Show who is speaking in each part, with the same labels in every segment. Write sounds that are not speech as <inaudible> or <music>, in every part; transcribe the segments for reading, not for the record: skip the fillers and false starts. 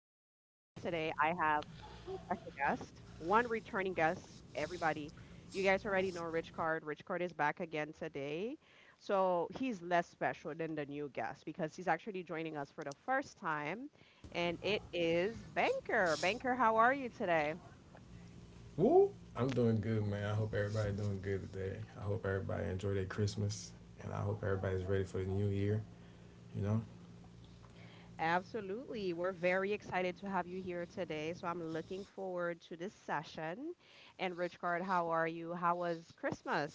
Speaker 1: have two special guests, one returning guest. Everybody, you guys already know Rich Card. Rich Card is back again today. So he's less special than the new guest because he's actually joining us for the first time. And it is Banker. Banker, how are you today?
Speaker 2: Woo! I'm doing good, man. I hope everybody doing good today. I hope everybody enjoyed their Christmas, and I hope everybody's ready for the new year. You know.
Speaker 1: Absolutely. We're very excited to have you here today. So I'm looking forward to this session. And Richcard, how are you? How was Christmas?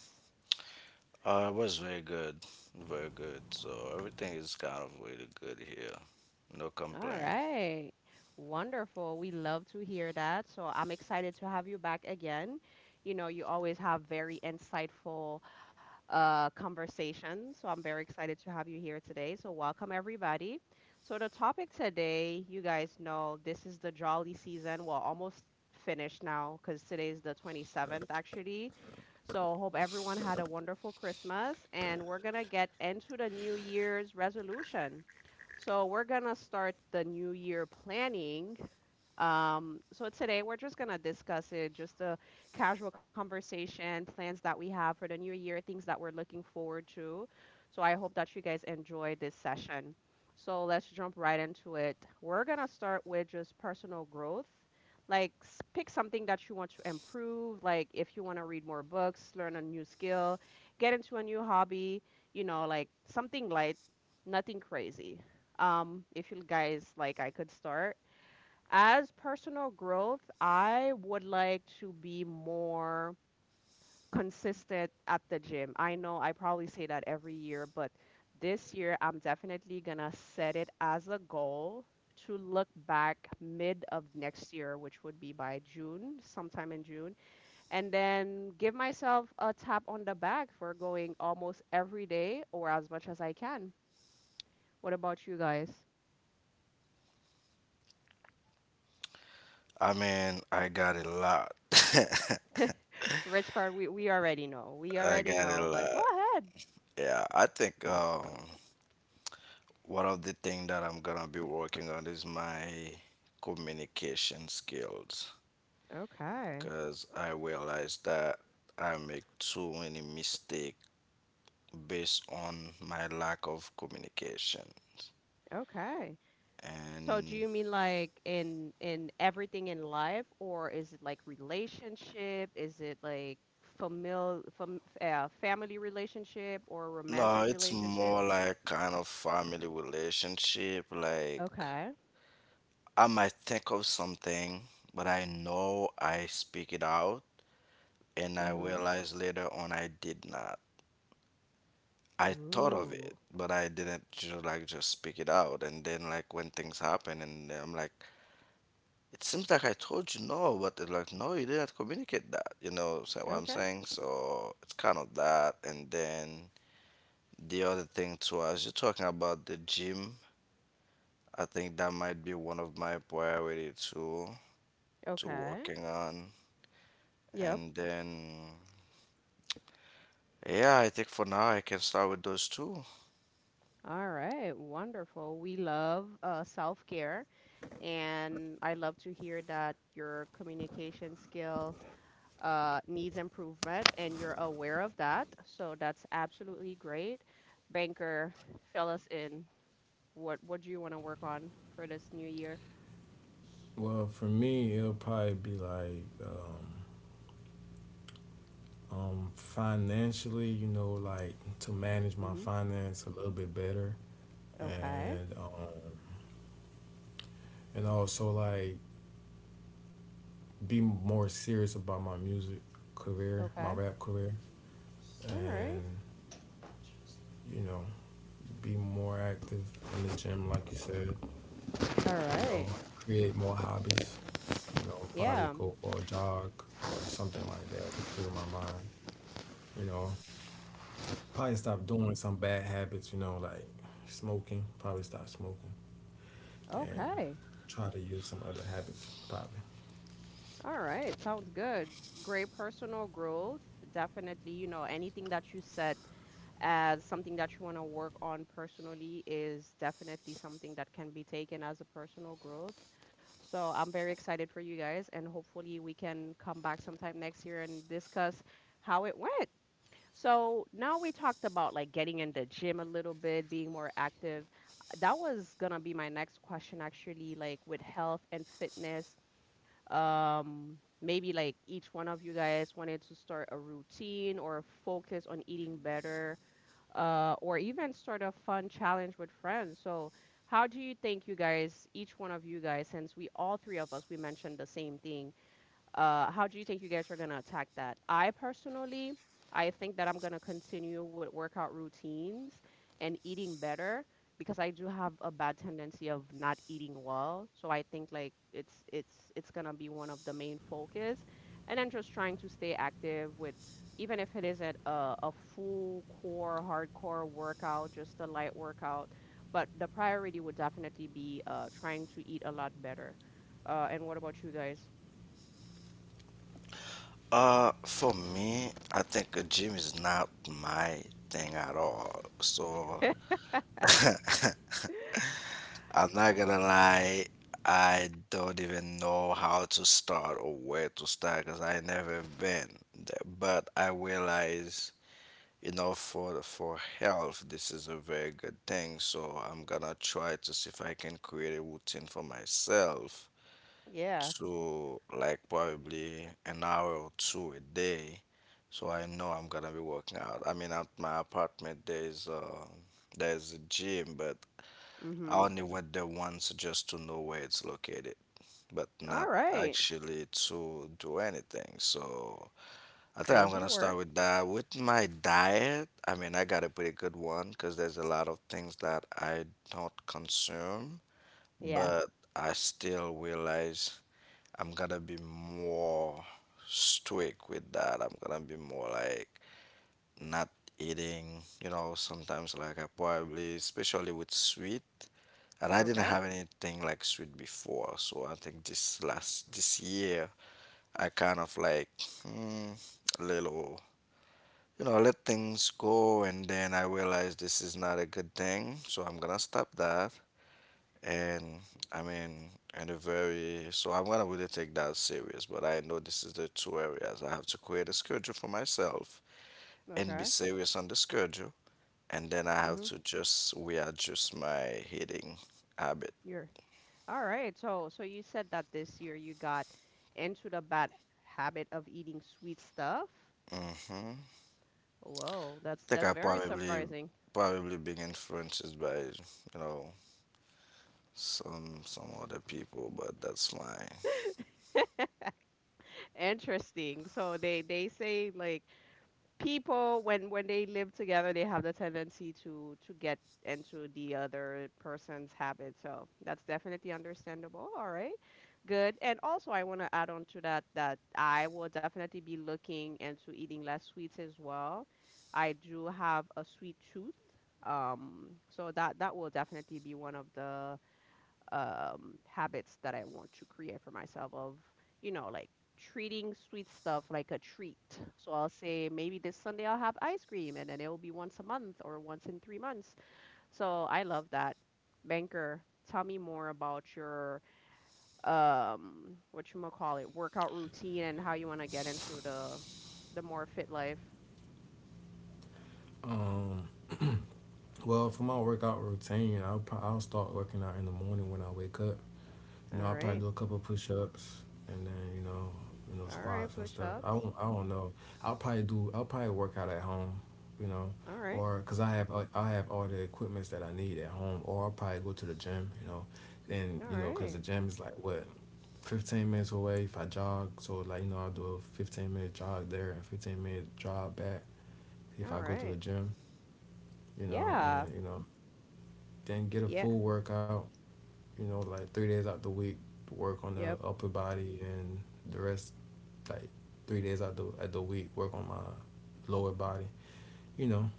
Speaker 3: It was very good, very good. So everything is kind of really good here. No
Speaker 1: All
Speaker 3: complaint.
Speaker 1: right. Wonderful. We love to hear that. So I'm excited to have you back again. You always have very insightful conversation. So I'm very excited to have you here today. So welcome everybody. So the topic today, you guys know, this is the jolly season. Well, almost finished now because today is the 27th actually. So hope everyone had a wonderful Christmas, and we're gonna get into the New Year's resolution. So we're gonna start the New Year planning, so today we're just gonna discuss it, just a casual conversation, plans that we have for the new year, things that we're looking forward to. So I hope that you guys enjoy this session. So let's jump right into it. We're gonna start with just personal growth. Like pick something that you want to improve, like if you want to read more books, learn a new skill, get into a new hobby, like something light, nothing crazy. If you guys like, I could start. As personal growth, I would like to be more consistent at the gym. I know I probably say that every year, but this year I'm definitely gonna set it as a goal to look back mid of next year, which would be by June, sometime in June, and then give myself a tap on the back for going almost every day or as much as I can. What about you guys?
Speaker 3: I mean, I got a lot. <laughs>
Speaker 1: Rich card, we already know. We
Speaker 3: I
Speaker 1: already
Speaker 3: got a
Speaker 1: know, but go
Speaker 3: lot.
Speaker 1: ahead.
Speaker 3: Yeah, I think one of the things that I'm gonna be working on is my communication skills,
Speaker 1: Okay.
Speaker 3: because I realized that I make too many mistakes based on my lack of communication.
Speaker 1: Okay. So do
Speaker 3: And
Speaker 1: you mean like in everything in life, or is it like relationship? Is it like family relationship or
Speaker 3: no,
Speaker 1: romantic
Speaker 3: it's
Speaker 1: relationship?
Speaker 3: more like kind of family relationship. Like,
Speaker 1: Okay.
Speaker 3: I might think of something, but I know I speak it out, and
Speaker 1: Mm-hmm.
Speaker 3: I realize later on I did not. I thought of
Speaker 1: Ooh.
Speaker 3: it, but I didn't just like just speak it out. And then like when things happen, and then I'm like, it seems like I told you no, but it's like no, you didn't communicate that. You know so what I'm
Speaker 1: Okay.
Speaker 3: saying? So it's kind of that. And then the other thing too, as you're talking about the gym. I think that might be one of my priority to
Speaker 1: Okay.
Speaker 3: working on.
Speaker 1: Yep.
Speaker 3: And then yeah, I think for now I can start with those two.
Speaker 1: All right. Wonderful. We love self-care, and I love to hear that your communication skill needs improvement, and you're aware of that. So that's absolutely great. Banker, fill us in. What do you want to work on for this new year?
Speaker 2: Well, for me, it'll probably be like financially, you know, like to manage my
Speaker 1: Hmm.
Speaker 2: finance a little bit better,
Speaker 1: Okay.
Speaker 2: and and also like be more serious about my music career, my
Speaker 1: Okay.
Speaker 2: rap career,
Speaker 1: All right.
Speaker 2: and you know, be more active in the gym, like you said,
Speaker 1: All
Speaker 2: you
Speaker 1: right.
Speaker 2: know, create more hobbies, you know, probably
Speaker 1: Yeah.
Speaker 2: go for a jog or something like that to clear my mind, you know. Probably stop doing some bad habits, you know, like smoking, probably stop smoking and
Speaker 1: Okay.
Speaker 2: try to use some other habits, probably.
Speaker 1: All right. Sounds good. Great personal growth. Definitely, you know, anything that you set as something that you want to work on personally is definitely something that can be taken as a personal growth. So I'm very excited for you guys, and hopefully we can come back sometime next year and discuss how it went. So now we talked about like getting in the gym a little bit, being more active. That was gonna be my next question actually, like with health and fitness. Maybe like each one of you guys wanted to start a routine or a focus on eating better, or even start a fun challenge with friends. So, how do you think you guys, each one of you guys, since we all three of us, we mentioned the same thing, how do you think you guys are going to attack that? I personally, I think that I'm going to continue with workout routines and eating better, because I do have a bad tendency of not eating well. So I think like it's going to be one of the main focus, and then just trying to stay active with, even if it isn't a full core hardcore workout, just a light workout, but the priority would definitely be trying to eat a lot better. And what about you guys?
Speaker 3: For me, I think a gym is not my thing at all. So I'm not gonna lie, I don't even know how to start or where to start because I never been there. But I realize, you know, for health this is a very good thing, so I'm gonna try to see if I can create a routine for myself
Speaker 1: Yeah.
Speaker 3: to like probably an hour or two a day, so I know I'm gonna be working out. I mean, at my apartment there's a gym, but I
Speaker 1: Mhm.
Speaker 3: only went there once just to know where it's located, but
Speaker 1: All
Speaker 3: not
Speaker 1: right.
Speaker 3: actually to do anything. So I think I'm
Speaker 1: Crazy
Speaker 3: gonna
Speaker 1: work.
Speaker 3: start with that. With my diet, I mean, I got a pretty good one because there's a lot of things that I don't consume,
Speaker 1: Yeah.
Speaker 3: but I still realize I'm gonna be more strict with that. I'm gonna be more like not eating, you know, sometimes like I probably, especially with sweet. And I didn't
Speaker 1: Okay.
Speaker 3: have anything like sweet before, so I think this last this year I kind of like hmm, a little, you know, I let things go. And then I realized this is not a good thing. So I'm going to stop that. And I mean, and a very, so I'm going to really take that serious. But I know this is the two areas. I have to create a schedule for myself and be
Speaker 1: Okay.
Speaker 3: serious on the schedule. And then I have
Speaker 1: Mhm.
Speaker 3: to just readjust my eating habit.
Speaker 1: You're all right. So you said that this year you got into the bad habit of eating sweet stuff. Whoa, that's
Speaker 3: Think
Speaker 1: that's
Speaker 3: I
Speaker 1: very
Speaker 3: probably
Speaker 1: surprising.
Speaker 3: probably being influenced by, you know, some other people, but that's my.
Speaker 1: <laughs> Interesting. So they say like people when they live together they have the tendency to get into the other person's habit, so that's definitely understandable. All right, good. And also I want to add on to that, that I will definitely be looking into eating less sweets as well. I do have a sweet tooth, so that will definitely be one of the habits that I want to create for myself of, you know, like treating sweet stuff like a treat. So I'll say maybe this Sunday I'll have ice cream, and then it will be once a month or once in 3 months. So I love that. Banker, tell me more about your what you call it, workout routine, and how you want to get into the more fit life.
Speaker 2: Um, well, for my workout routine, I'll start working out in the morning when I wake up. You
Speaker 1: All
Speaker 2: know, I'll probably
Speaker 1: right.
Speaker 2: do a couple push ups and then, you know,
Speaker 1: All right,
Speaker 2: squats and stuff.
Speaker 1: push-ups.
Speaker 2: I don't know. I'll probably work out at home, you know,
Speaker 1: All right.
Speaker 2: or because I have all the equipments that I need at home, or I'll probably go to the gym, you know, and,
Speaker 1: All
Speaker 2: you know, because the
Speaker 1: right.
Speaker 2: gym is like what, 15 minutes away if I jog. So, like, you know, I'll do a 15-minute jog there and 15-minute jog back
Speaker 1: All
Speaker 2: if I go to
Speaker 1: right.
Speaker 2: the gym, you know,
Speaker 1: Yeah.
Speaker 2: and, you know, then get a
Speaker 1: Yeah.
Speaker 2: full workout you know, like 3 days out the week work on
Speaker 1: Yep.
Speaker 2: the upper body and the rest like 3 days out the at the week work on my lower body. You know,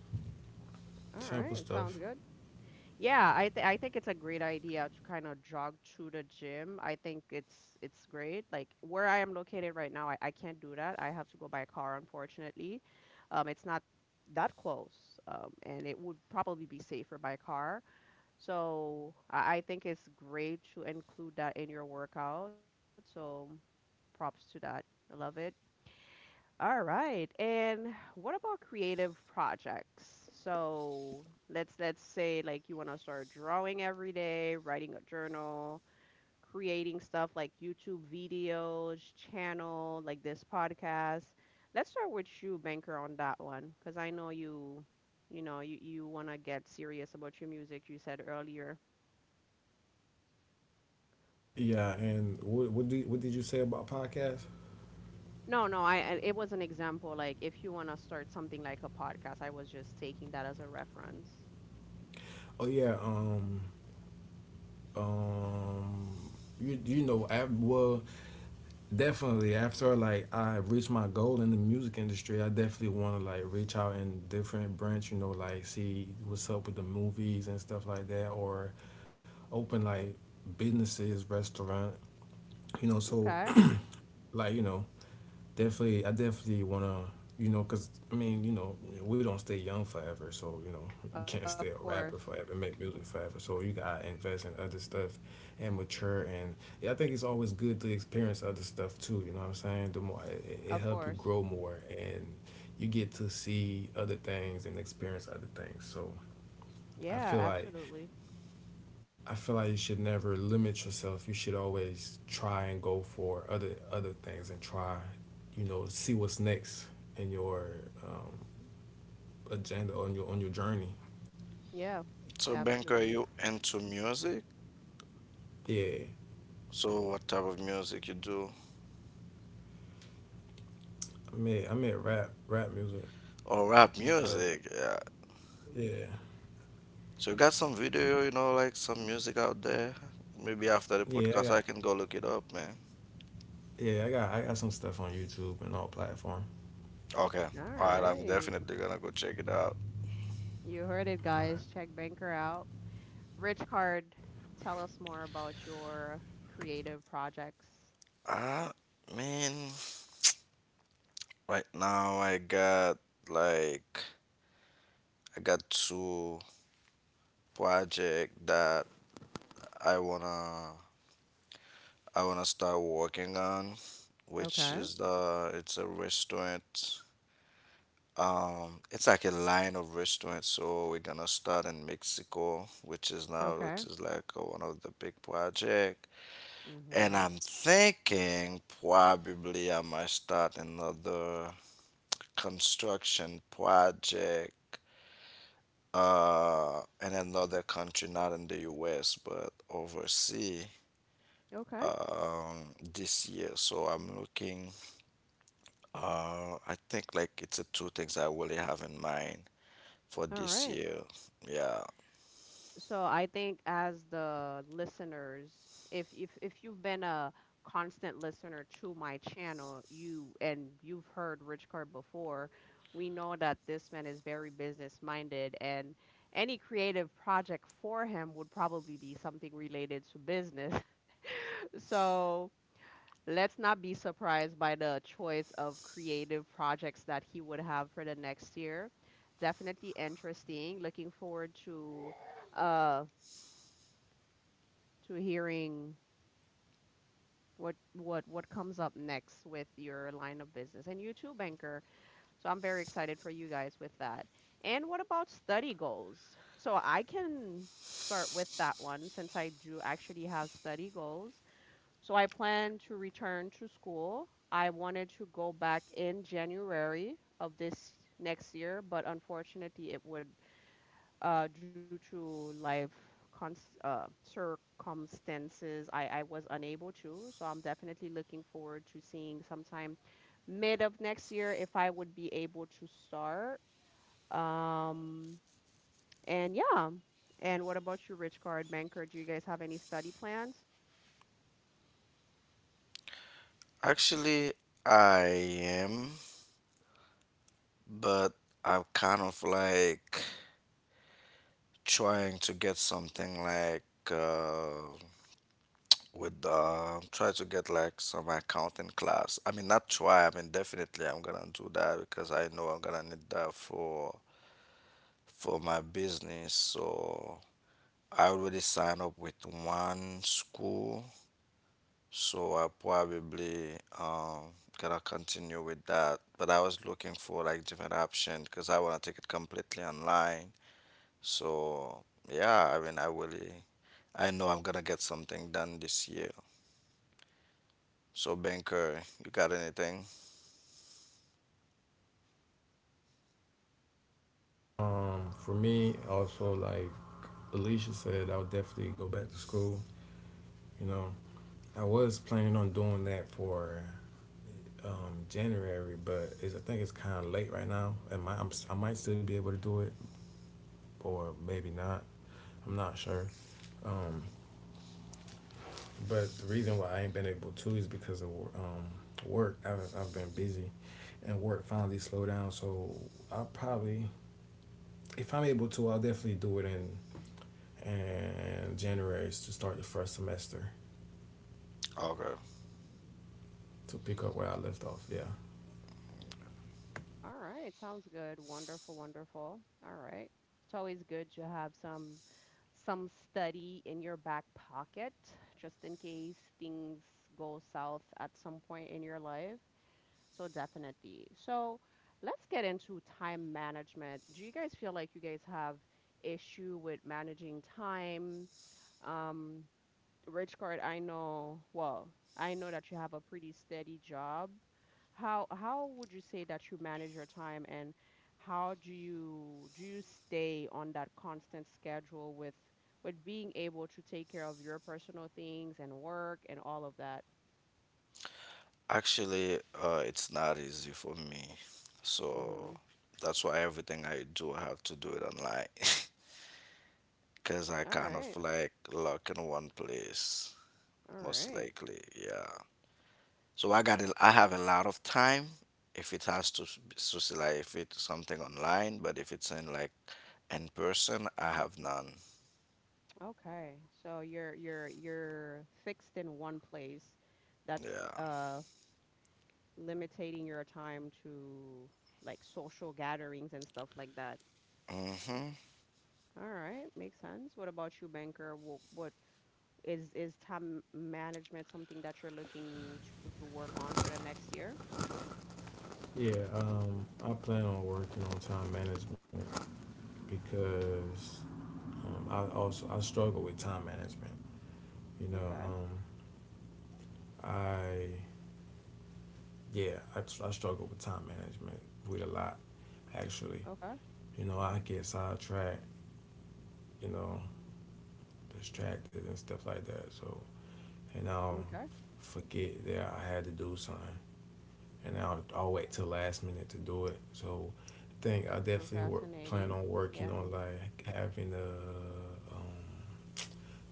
Speaker 1: All
Speaker 2: simple
Speaker 1: right. Sounds
Speaker 2: stuff.
Speaker 1: good. Yeah, I th I think it's a great idea to kind of jog through the gym. I think it's great. Like where I am located right now, I can't do that. I have to go by car, unfortunately. It's not that close, and it would probably be safer by car. So I think it's great to include that in your workout. So props to that. I love it. All right. And what about creative projects? So let's say like you want to start drawing every day, writing a journal, creating stuff like YouTube videos, channel, like this podcast. Let's start with you, Banker, on that one, because I know you want to get serious about your music, you said earlier.
Speaker 2: Yeah, and what did you say about podcasts?
Speaker 1: No, no, it was an example. Like if you want to start something like a podcast, I was just taking that as a reference.
Speaker 2: Oh yeah, um you know, well, definitely after like I reached my goal in the music industry, I definitely want to like reach out in different branch, you know, like see what's up with the movies and stuff like that or open like businesses, restaurant, you know. So
Speaker 1: Okay.
Speaker 2: like you know, I definitely wanna, you know, cause I mean, we don't stay young forever, so you know, you
Speaker 1: Of
Speaker 2: can't stay a
Speaker 1: course.
Speaker 2: rapper forever, make music forever. So you gotta invest in other stuff and mature. And yeah, I think it's always good to experience other stuff too. You know what I'm saying? The more it
Speaker 1: Of
Speaker 2: help you
Speaker 1: course.
Speaker 2: grow more and you get to see other things and experience other things. So I
Speaker 1: Yeah,
Speaker 2: feel like
Speaker 1: absolutely.
Speaker 2: I feel like you should never limit yourself. You should always try and go for other things and try, you know, see what's next in your um, agenda on your journey.
Speaker 1: Yeah,
Speaker 3: So, Banker,
Speaker 1: absolutely.
Speaker 3: you into music?
Speaker 2: Yeah,
Speaker 3: So, what type of music you do?
Speaker 2: I mean rap music,
Speaker 3: Or rap
Speaker 2: but
Speaker 3: music? Yeah.
Speaker 2: yeah,
Speaker 3: So, you got some video, you know, like some music out there? Maybe after the
Speaker 2: yeah, I
Speaker 3: podcast,
Speaker 2: got
Speaker 3: I can go look it up, man.
Speaker 2: yeah, I got some stuff on YouTube and all platform.
Speaker 3: Okay.
Speaker 1: All
Speaker 3: All right. I'm
Speaker 1: right.
Speaker 3: definitely gonna go check it out.
Speaker 1: You heard it, guys. Check
Speaker 2: All
Speaker 1: Banker out. Rich Card, tell us more about your creative projects.
Speaker 3: I mean, right now I got like I got two project that I wanna I wanna start working on, which
Speaker 1: Okay.
Speaker 3: is the it's a restaurant. It's like a line of restaurants. So we're gonna start in Mexico, which is now
Speaker 1: Okay.
Speaker 3: which is like one of the big project. And
Speaker 1: Mm-hmm.
Speaker 3: I'm thinking probably I might start another construction project in another country, not in the US, but overseas
Speaker 1: Okay.
Speaker 3: this year. So I'm looking I think like it's a two things I really have in mind for
Speaker 1: All
Speaker 3: this
Speaker 1: right.
Speaker 3: year. Yeah.
Speaker 1: So I think, as the listeners, if you've been a constant listener to my channel, you and you've heard Rich Card before, we know that this man is very business minded, and any creative project for him would probably be something related to business. <laughs> So let's not be surprised by the choice of creative projects that he would have for the next year. Definitely interesting. Looking forward uh to hearing what comes up next with your line of business, and you too, banker. So I'm very excited for you guys with that. And what about study goals? So I can start with that one, since I do actually have study goals. So I plan to return to school. I wanted to go back in January of this next year, but unfortunately, it would, due to life cons circumstances, I was unable to. So I'm definitely looking forward to seeing sometime mid of next year if I would be able to start. Um, and yeah. And what about you, Rich Card? Banker, do you guys have any study plans?
Speaker 3: Actually, I am, but I'm kind of like trying to get something like uh, with try to get like some accounting class. I mean, not try. I mean, definitely I'm gonna do that because I know I'm gonna need that for my business. So I already signed up with one school. So I probably gotta continue with that. But I was looking for like different options because I wanna take it completely online. So yeah, I mean I really I know I'm gonna get something done this year. So Banker, you got anything?
Speaker 2: right. For me, also like Alicia said, I would definitely go back to school. You know, I was planning on doing that for January, but I think it's kind of late right now, and my, I'm, si might still be able to do it, or maybe not. I'm not sure. Um, but the reason why I ain't been able to is because of work. I've been busy, and work finally slowed down. So I'll probably, if I'm able to, I'll definitely do it in January to start the first semester
Speaker 3: Okay.
Speaker 2: to pick up where I left off. Yeah.
Speaker 1: All right, sounds good. Wonderful, wonderful. All right. It's always good to have some study in your back pocket, just in case things go south at some point in your life. So definitely. So let's get into time management. Do you guys feel like you guys have issue with managing time? Um, Rich Card, I know, well, I know that you have a pretty steady job. How would you say that you manage your time, and how do you stay on that constant schedule with being able to take care of your personal things and work and all of that?
Speaker 3: Actually, it's not easy for me. So
Speaker 1: Mhm.
Speaker 3: that's why everything I do, I have to do it online. <laughs> Because I
Speaker 1: All
Speaker 3: kind of
Speaker 1: right.
Speaker 3: like lock in one place,
Speaker 1: All
Speaker 3: most
Speaker 1: right.
Speaker 3: likely. Yeah. So I have a lot of time if it has to so like if it's something online, but if it's in like in person, I have none.
Speaker 1: Okay. So you're fixed in one place. That's
Speaker 3: Yeah.
Speaker 1: limiting your time to like social gatherings and stuff like that.
Speaker 3: Hmm.
Speaker 1: All right, makes sense. What about you, banker? What is time management something that you're looking to work on for the next year?
Speaker 2: Yeah, I plan on working on time management because I also I struggle with time management. You know,
Speaker 1: Okay.
Speaker 2: I I struggle with time management with a lot actually.
Speaker 1: Okay.
Speaker 2: You know, I get sidetracked. You know, distracted and stuff like that. So and I'll
Speaker 1: Okay.
Speaker 2: forget that I had to do something, and I'll wait till last minute to do it. So I think I definitely work plan
Speaker 1: Procrastinating.
Speaker 2: on working
Speaker 1: Yeah.
Speaker 2: on like having a um,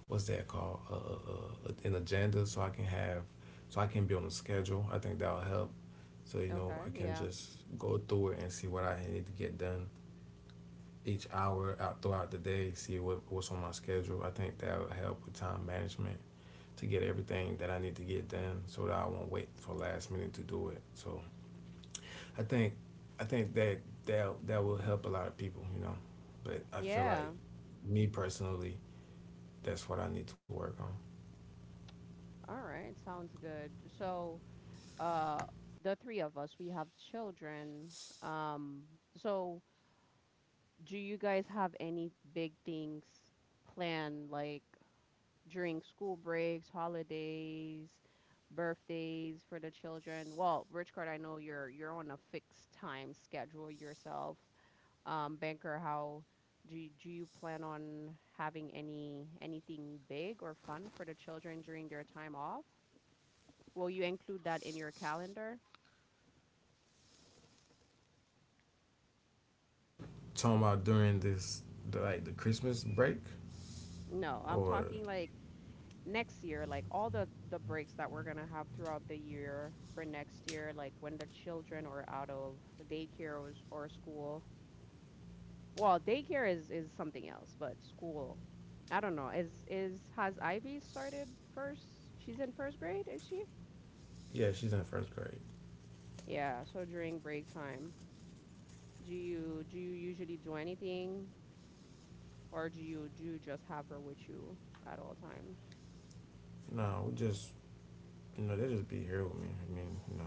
Speaker 2: what's that called an agenda so I can have so I can be on a schedule. I think that'll help. So you know
Speaker 1: Okay.
Speaker 2: I can
Speaker 1: Yeah.
Speaker 2: just go through it and see what I need to get done each hour out throughout the day. See what's on my schedule. I think that'll help with time management to get everything that I need to get done so that I won't wait for last minute to do it. So I think I think that that will help a lot of people. You know, but I feel like
Speaker 1: Yeah.
Speaker 2: me personally, that's what I need to work on.
Speaker 1: All right. Sounds good. So, uh, the three of us, we have children. Um, so do you guys have any big things planned? Like, during school breaks, holidays, birthdays for the children. Well, Rich Card, I know you're on a fixed time schedule yourself. Banker, how do you plan on having anything big or fun for the children during their time off? Will you include that in your calendar?
Speaker 2: Talking about during like the Christmas break
Speaker 1: No, I'm
Speaker 2: or
Speaker 1: talking like next year, like all the breaks that we're gonna have throughout the year for next year, like when the children are out of daycare or school. Well, daycare is something else, but school, I don't know. Is has Ivy started first? She's in first grade, is she?
Speaker 2: yeah, she's in first grade.
Speaker 1: Yeah, so during break time, do you usually do anything or do you just have her with you at all times?
Speaker 2: No, we just you know they just be here with me. I mean, you know,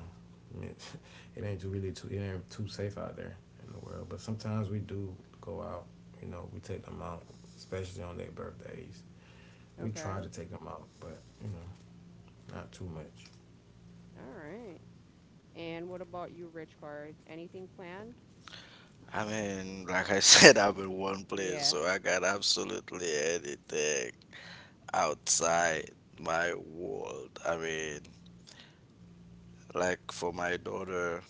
Speaker 2: I mean, <laughs> it ain't too safe out there in the world. But sometimes we do go out. You know, we take them out, especially on their birthdays. We
Speaker 1: Okay.
Speaker 2: try to take them out, but you know, not too much.
Speaker 1: All right. And what about you, Rich Card? Anything planned?
Speaker 3: I mean, like I <laughs> said, I'm in one place,
Speaker 1: Yeah.
Speaker 3: so I got absolutely anything outside my world. I mean, like for my daughter,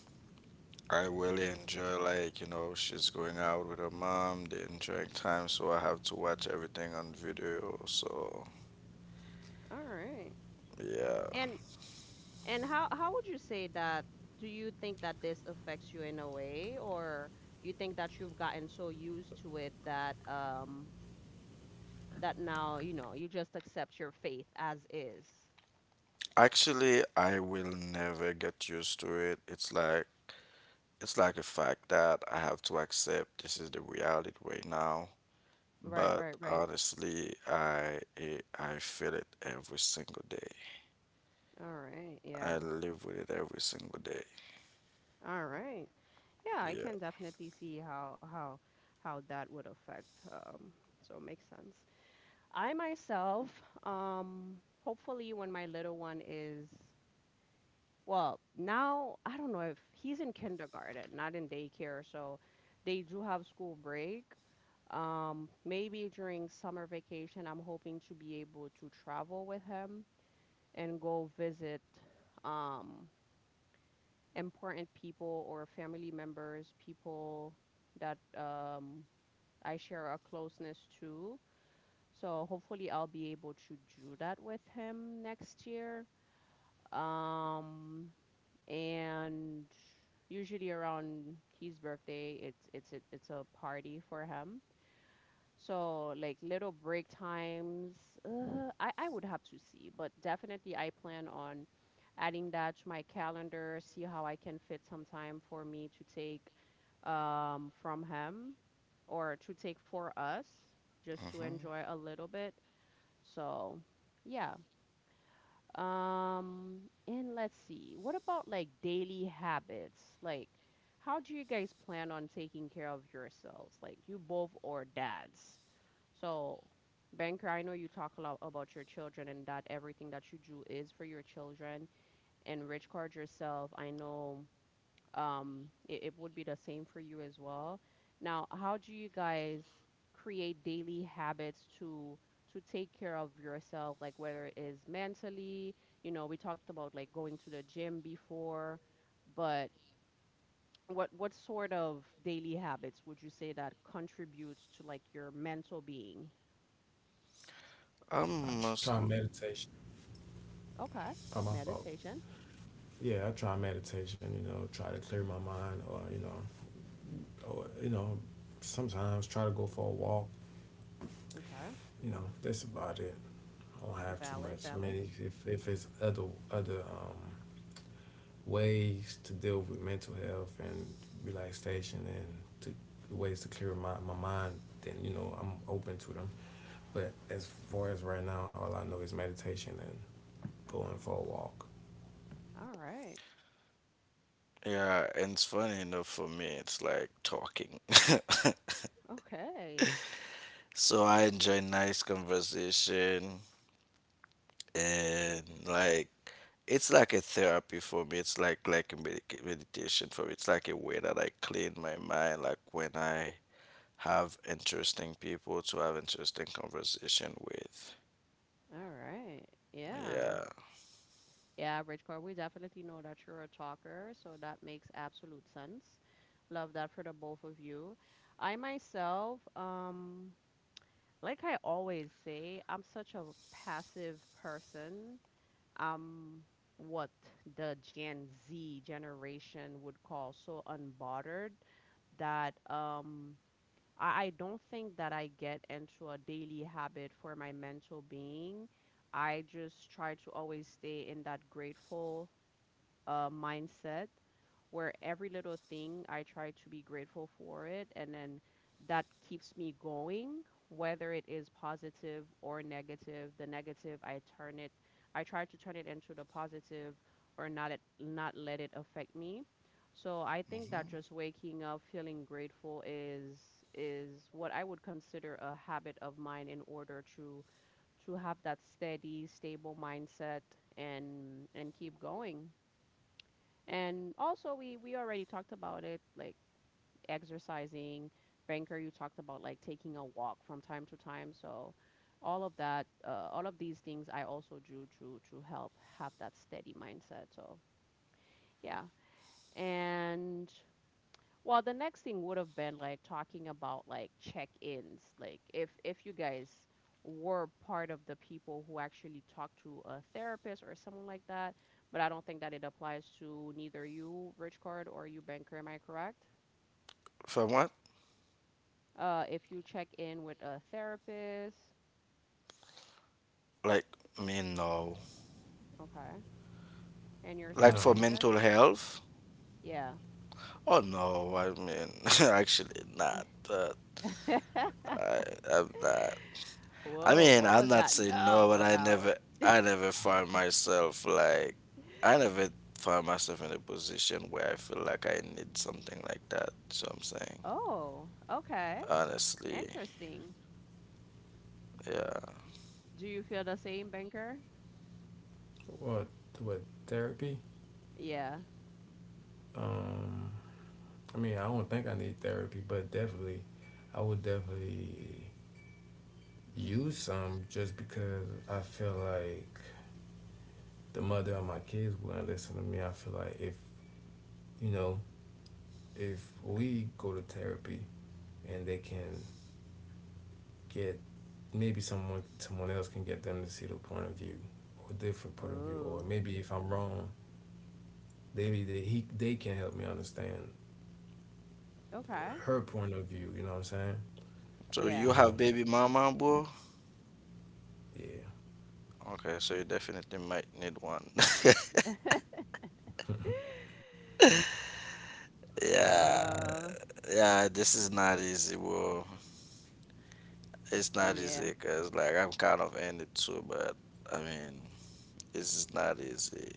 Speaker 3: I really enjoy like, you know, she's going out with her mom, they're enjoying time, so I have to watch everything on video. So,
Speaker 1: All right.
Speaker 3: yeah.
Speaker 1: And how would you say that? Do you think that this affects you in a way, or you think that you've gotten so used to it that that now, you know, you just accept your faith as is?
Speaker 3: Actually, I will never get used to it. It's like a fact that I have to accept this is the reality right now.
Speaker 1: Right,
Speaker 3: But
Speaker 1: right, right.
Speaker 3: honestly, I feel it every single day.
Speaker 1: All right, yeah.
Speaker 3: I live with it every single day.
Speaker 1: All right. Yeah, I
Speaker 3: Yeah.
Speaker 1: can definitely see how how that would affect so it makes sense. I myself um hopefully when my little one is... Well, now I don't know if he's in kindergarten, not in daycare, so they do have school break. Maybe during summer vacation, I'm hoping to be able to travel with him and go visit um, important people or family members, people that I share a closeness to. So hopefully, I'll be able to do that with him next year. Um, and usually around his birthday it's a party for him, so like little break times, I would have to see, but definitely I plan on adding that to my calendar, see how I can fit some time for me to take from him or to take for us just to
Speaker 3: hmm
Speaker 1: enjoy a little bit. So yeah. And let's see, what about like daily habits? Like, how do you guys plan on taking care of yourselves? Like, you both or dads? So, Banker, I know you talk a lot about your children and that everything that you do is for your children. And Rich Card yourself, I know it would be the same for you as well. Now, how do you guys create daily habits to take care of yourself, like whether it is mentally, you know, we talked about like going to the gym before, but what sort of daily habits would you say that contributes to like your mental being?
Speaker 3: I'm
Speaker 2: I
Speaker 3: most
Speaker 2: try meditation.
Speaker 1: Okay.
Speaker 2: Oh, my fault.
Speaker 1: Meditation.
Speaker 2: Yeah, I try meditation. You know, try to clear my mind or you know, sometimes try to go for a walk.
Speaker 1: Okay.
Speaker 2: You know, that's about it. I don't have too
Speaker 1: Valid,
Speaker 2: much. I mean,
Speaker 1: valid.
Speaker 2: if it's other ways to deal with mental health and relaxation and to ways to clear my mind, then you know I'm open to them. But as far as right now, all I know is meditation and going for a walk.
Speaker 1: All right.
Speaker 3: yeah, and it's funny enough for me. It's like talking. <laughs>
Speaker 1: Okay.
Speaker 3: So I enjoy nice conversation. And like it's like a therapy for me, it's like a meditation for me, it's like a way that I clean my mind, like when I have interesting people to have interesting conversation with.
Speaker 1: All right. Yeah.
Speaker 3: Yeah.
Speaker 1: Yeah, Bridgecore, we definitely know that you're a talker, so that makes absolute sense. Love that for the both of you. I myself, like I always say, I'm such a passive person. I'm what the Gen Z generation would call so unbothered that I don't think that I get into a daily habit for my mental being. I just try to always stay in that grateful mindset, where every little thing I try to be grateful for it, and then that keeps me going, whether it is positive or negative. The negative, I turn it, I try to turn it into the positive, or not it, not let it affect me. So I think that
Speaker 3: Hmm.
Speaker 1: just waking up feeling grateful is what I would consider a habit of mine in order to have that steady, stable mindset and keep going. And also, we already talked about it, like exercising. Banker, you talked about like taking a walk from time to time. So, all of that, all of these things, I also do to help have that steady mindset. So, yeah. And well, the next thing would have been like talking about like check-ins, like if you guys were part of the people who actually talk to a therapist or someone like that, but I don't think that it applies to neither you, Rich Card, or you, Banker. Am I correct?
Speaker 3: For what?
Speaker 1: If you check in with a therapist,
Speaker 3: Like me, no.
Speaker 1: okay, and
Speaker 3: Like
Speaker 1: yourself,
Speaker 3: for
Speaker 2: No,
Speaker 1: Banker,
Speaker 3: mental health?
Speaker 1: yeah. <laughs>
Speaker 3: Oh no, I mean, <laughs> actually not, but i I'm not. I
Speaker 1: Whoa,
Speaker 3: mean,
Speaker 1: what
Speaker 3: I'm
Speaker 1: was
Speaker 3: not
Speaker 1: that?
Speaker 3: saying no,
Speaker 1: No,
Speaker 3: but
Speaker 1: about.
Speaker 3: I never find myself like, I
Speaker 1: <laughs>
Speaker 3: never find myself in a position where I feel like I need something like that. So I'm saying,
Speaker 1: Oh, okay,
Speaker 3: honestly,
Speaker 1: interesting.
Speaker 3: yeah.
Speaker 1: Do you feel the same, Banker?
Speaker 2: what what therapy?
Speaker 1: Yeah.
Speaker 2: Um, I mean, I don't think I need therapy, but definitely, I would definitely use some just because I feel like the mother of my kids wouldn't listen to me. I feel like if you know if we go to therapy and they can get maybe someone else can get them to see the point of view or different point of view or
Speaker 1: Oh,
Speaker 2: maybe if I'm wrong maybe they he they can help me understand
Speaker 1: okay.
Speaker 2: her point of view. You know what I'm saying?
Speaker 3: So
Speaker 1: Yeah.
Speaker 3: you
Speaker 2: You
Speaker 3: have
Speaker 2: know?
Speaker 3: baby mama, bro?
Speaker 2: Yeah.
Speaker 3: Okay, so you definitely might need one. <laughs>
Speaker 1: <laughs>
Speaker 2: Nah,
Speaker 3: Yeah,
Speaker 2: for real.
Speaker 1: Uh,
Speaker 3: yeah. This is not easy, bro. It's not
Speaker 1: yeah.
Speaker 3: easy, cause like I'm kind of in it too, but I mean, this is not easy.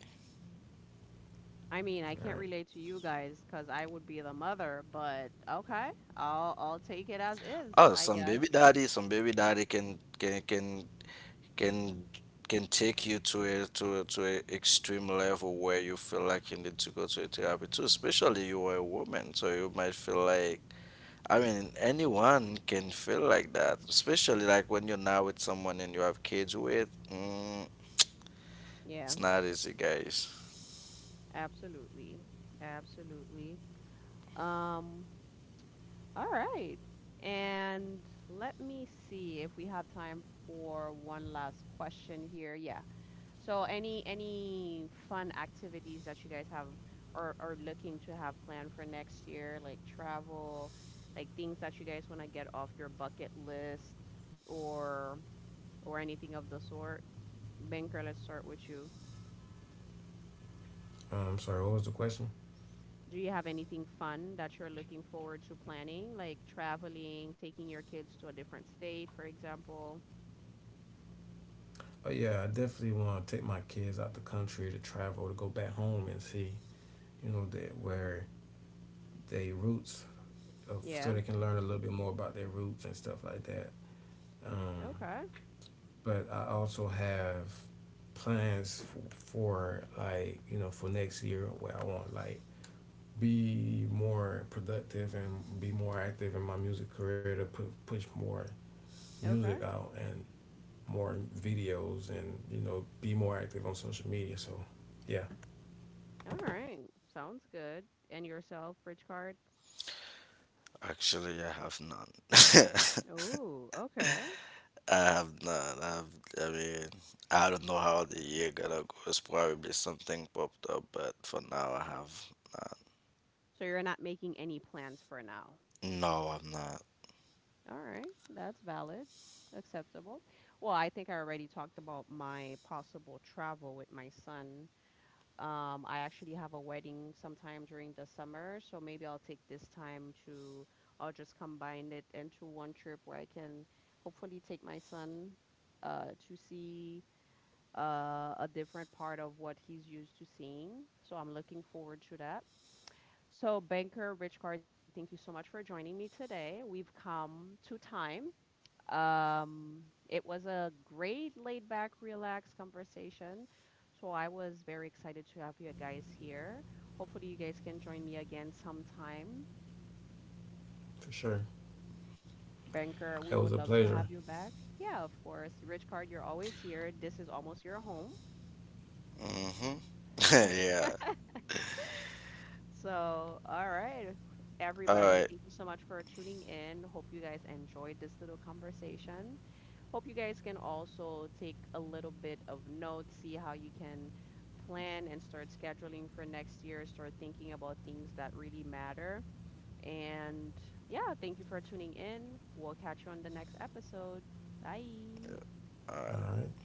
Speaker 1: I mean, I can't
Speaker 2: All
Speaker 1: relate to you guys, cause I would be the mother, but okay. I'll take it as is,
Speaker 3: Oh,
Speaker 1: I guess.
Speaker 3: some baby daddy can can take you to a to a, to a extreme level where you feel like you need to go to a therapy too, especially you are a woman, so you might feel like I mean anyone can feel like that, especially like when you're now with someone and you have kids with. Mm,
Speaker 1: Yeah,
Speaker 3: it's not easy, guys.
Speaker 1: absolutely. Absolutely. Um, all right. And let me see if we have time for one last question here. Yeah. So any fun activities that you guys have or are looking to have planned for next year, like travel, like things that you guys want to get off your bucket list or or anything of the sort? Banker, let's start with you.
Speaker 2: right. Sorry. What was the question?
Speaker 1: Do you have anything fun that you're looking forward to planning, like traveling, taking your kids to a different state, for example?
Speaker 2: But yeah, I definitely want to take my kids out the country to travel, to go back home and see, you know, that where they roots, of, so
Speaker 1: Yeah.
Speaker 2: they can learn a little bit more about their roots and stuff like that. Um,
Speaker 1: Okay.
Speaker 2: but I also have plans for like you know for next year where I want like be more productive and be more active in my music career to push more music
Speaker 1: Okay.
Speaker 2: out and more videos and you know be more active on social media. So yeah.
Speaker 1: All right. Sounds good. And yourself, Rich Card?
Speaker 3: Actually, I have none.
Speaker 1: Oh, okay.
Speaker 3: <laughs> I have none. I have, I mean, I don't know how the year gonna go. It's probably something popped up, but for now, I have
Speaker 1: So you're not making any plans for now.
Speaker 3: none. No, I'm not.
Speaker 1: All right, that's valid, acceptable. Well, I think I already talked about my possible travel with my son. I actually have a wedding sometime during the summer, so maybe I'll take this time to, I'll just combine it into one trip where I can hopefully take my son to see a different part of what he's used to seeing. So I'm looking forward to that. So, Banker Richcard, thank you so much for joining me today. We've come to time. Um, it was a great laid back, relaxed conversation. So, I was very excited to have you guys here. Hopefully, you guys can join me again sometime.
Speaker 2: For sure.
Speaker 1: Banker, we
Speaker 2: It
Speaker 1: would
Speaker 2: was a
Speaker 1: love to
Speaker 2: pleasure.
Speaker 1: have you back. Yeah, of course. Richcard, you're always here. This is almost your home.
Speaker 3: Mm-hmm. <laughs> Yeah.
Speaker 1: So, all right.
Speaker 3: All
Speaker 1: Everybody,
Speaker 3: right.
Speaker 1: thank you so much for tuning in. Hope you guys enjoyed this little conversation. Hope you guys can also take a little bit of notes, see how you can plan and start scheduling for next year, start thinking about things that really matter. And yeah, thank you for tuning in. We'll catch you on the next episode. Bye.
Speaker 3: All
Speaker 2: All
Speaker 3: right.
Speaker 2: right.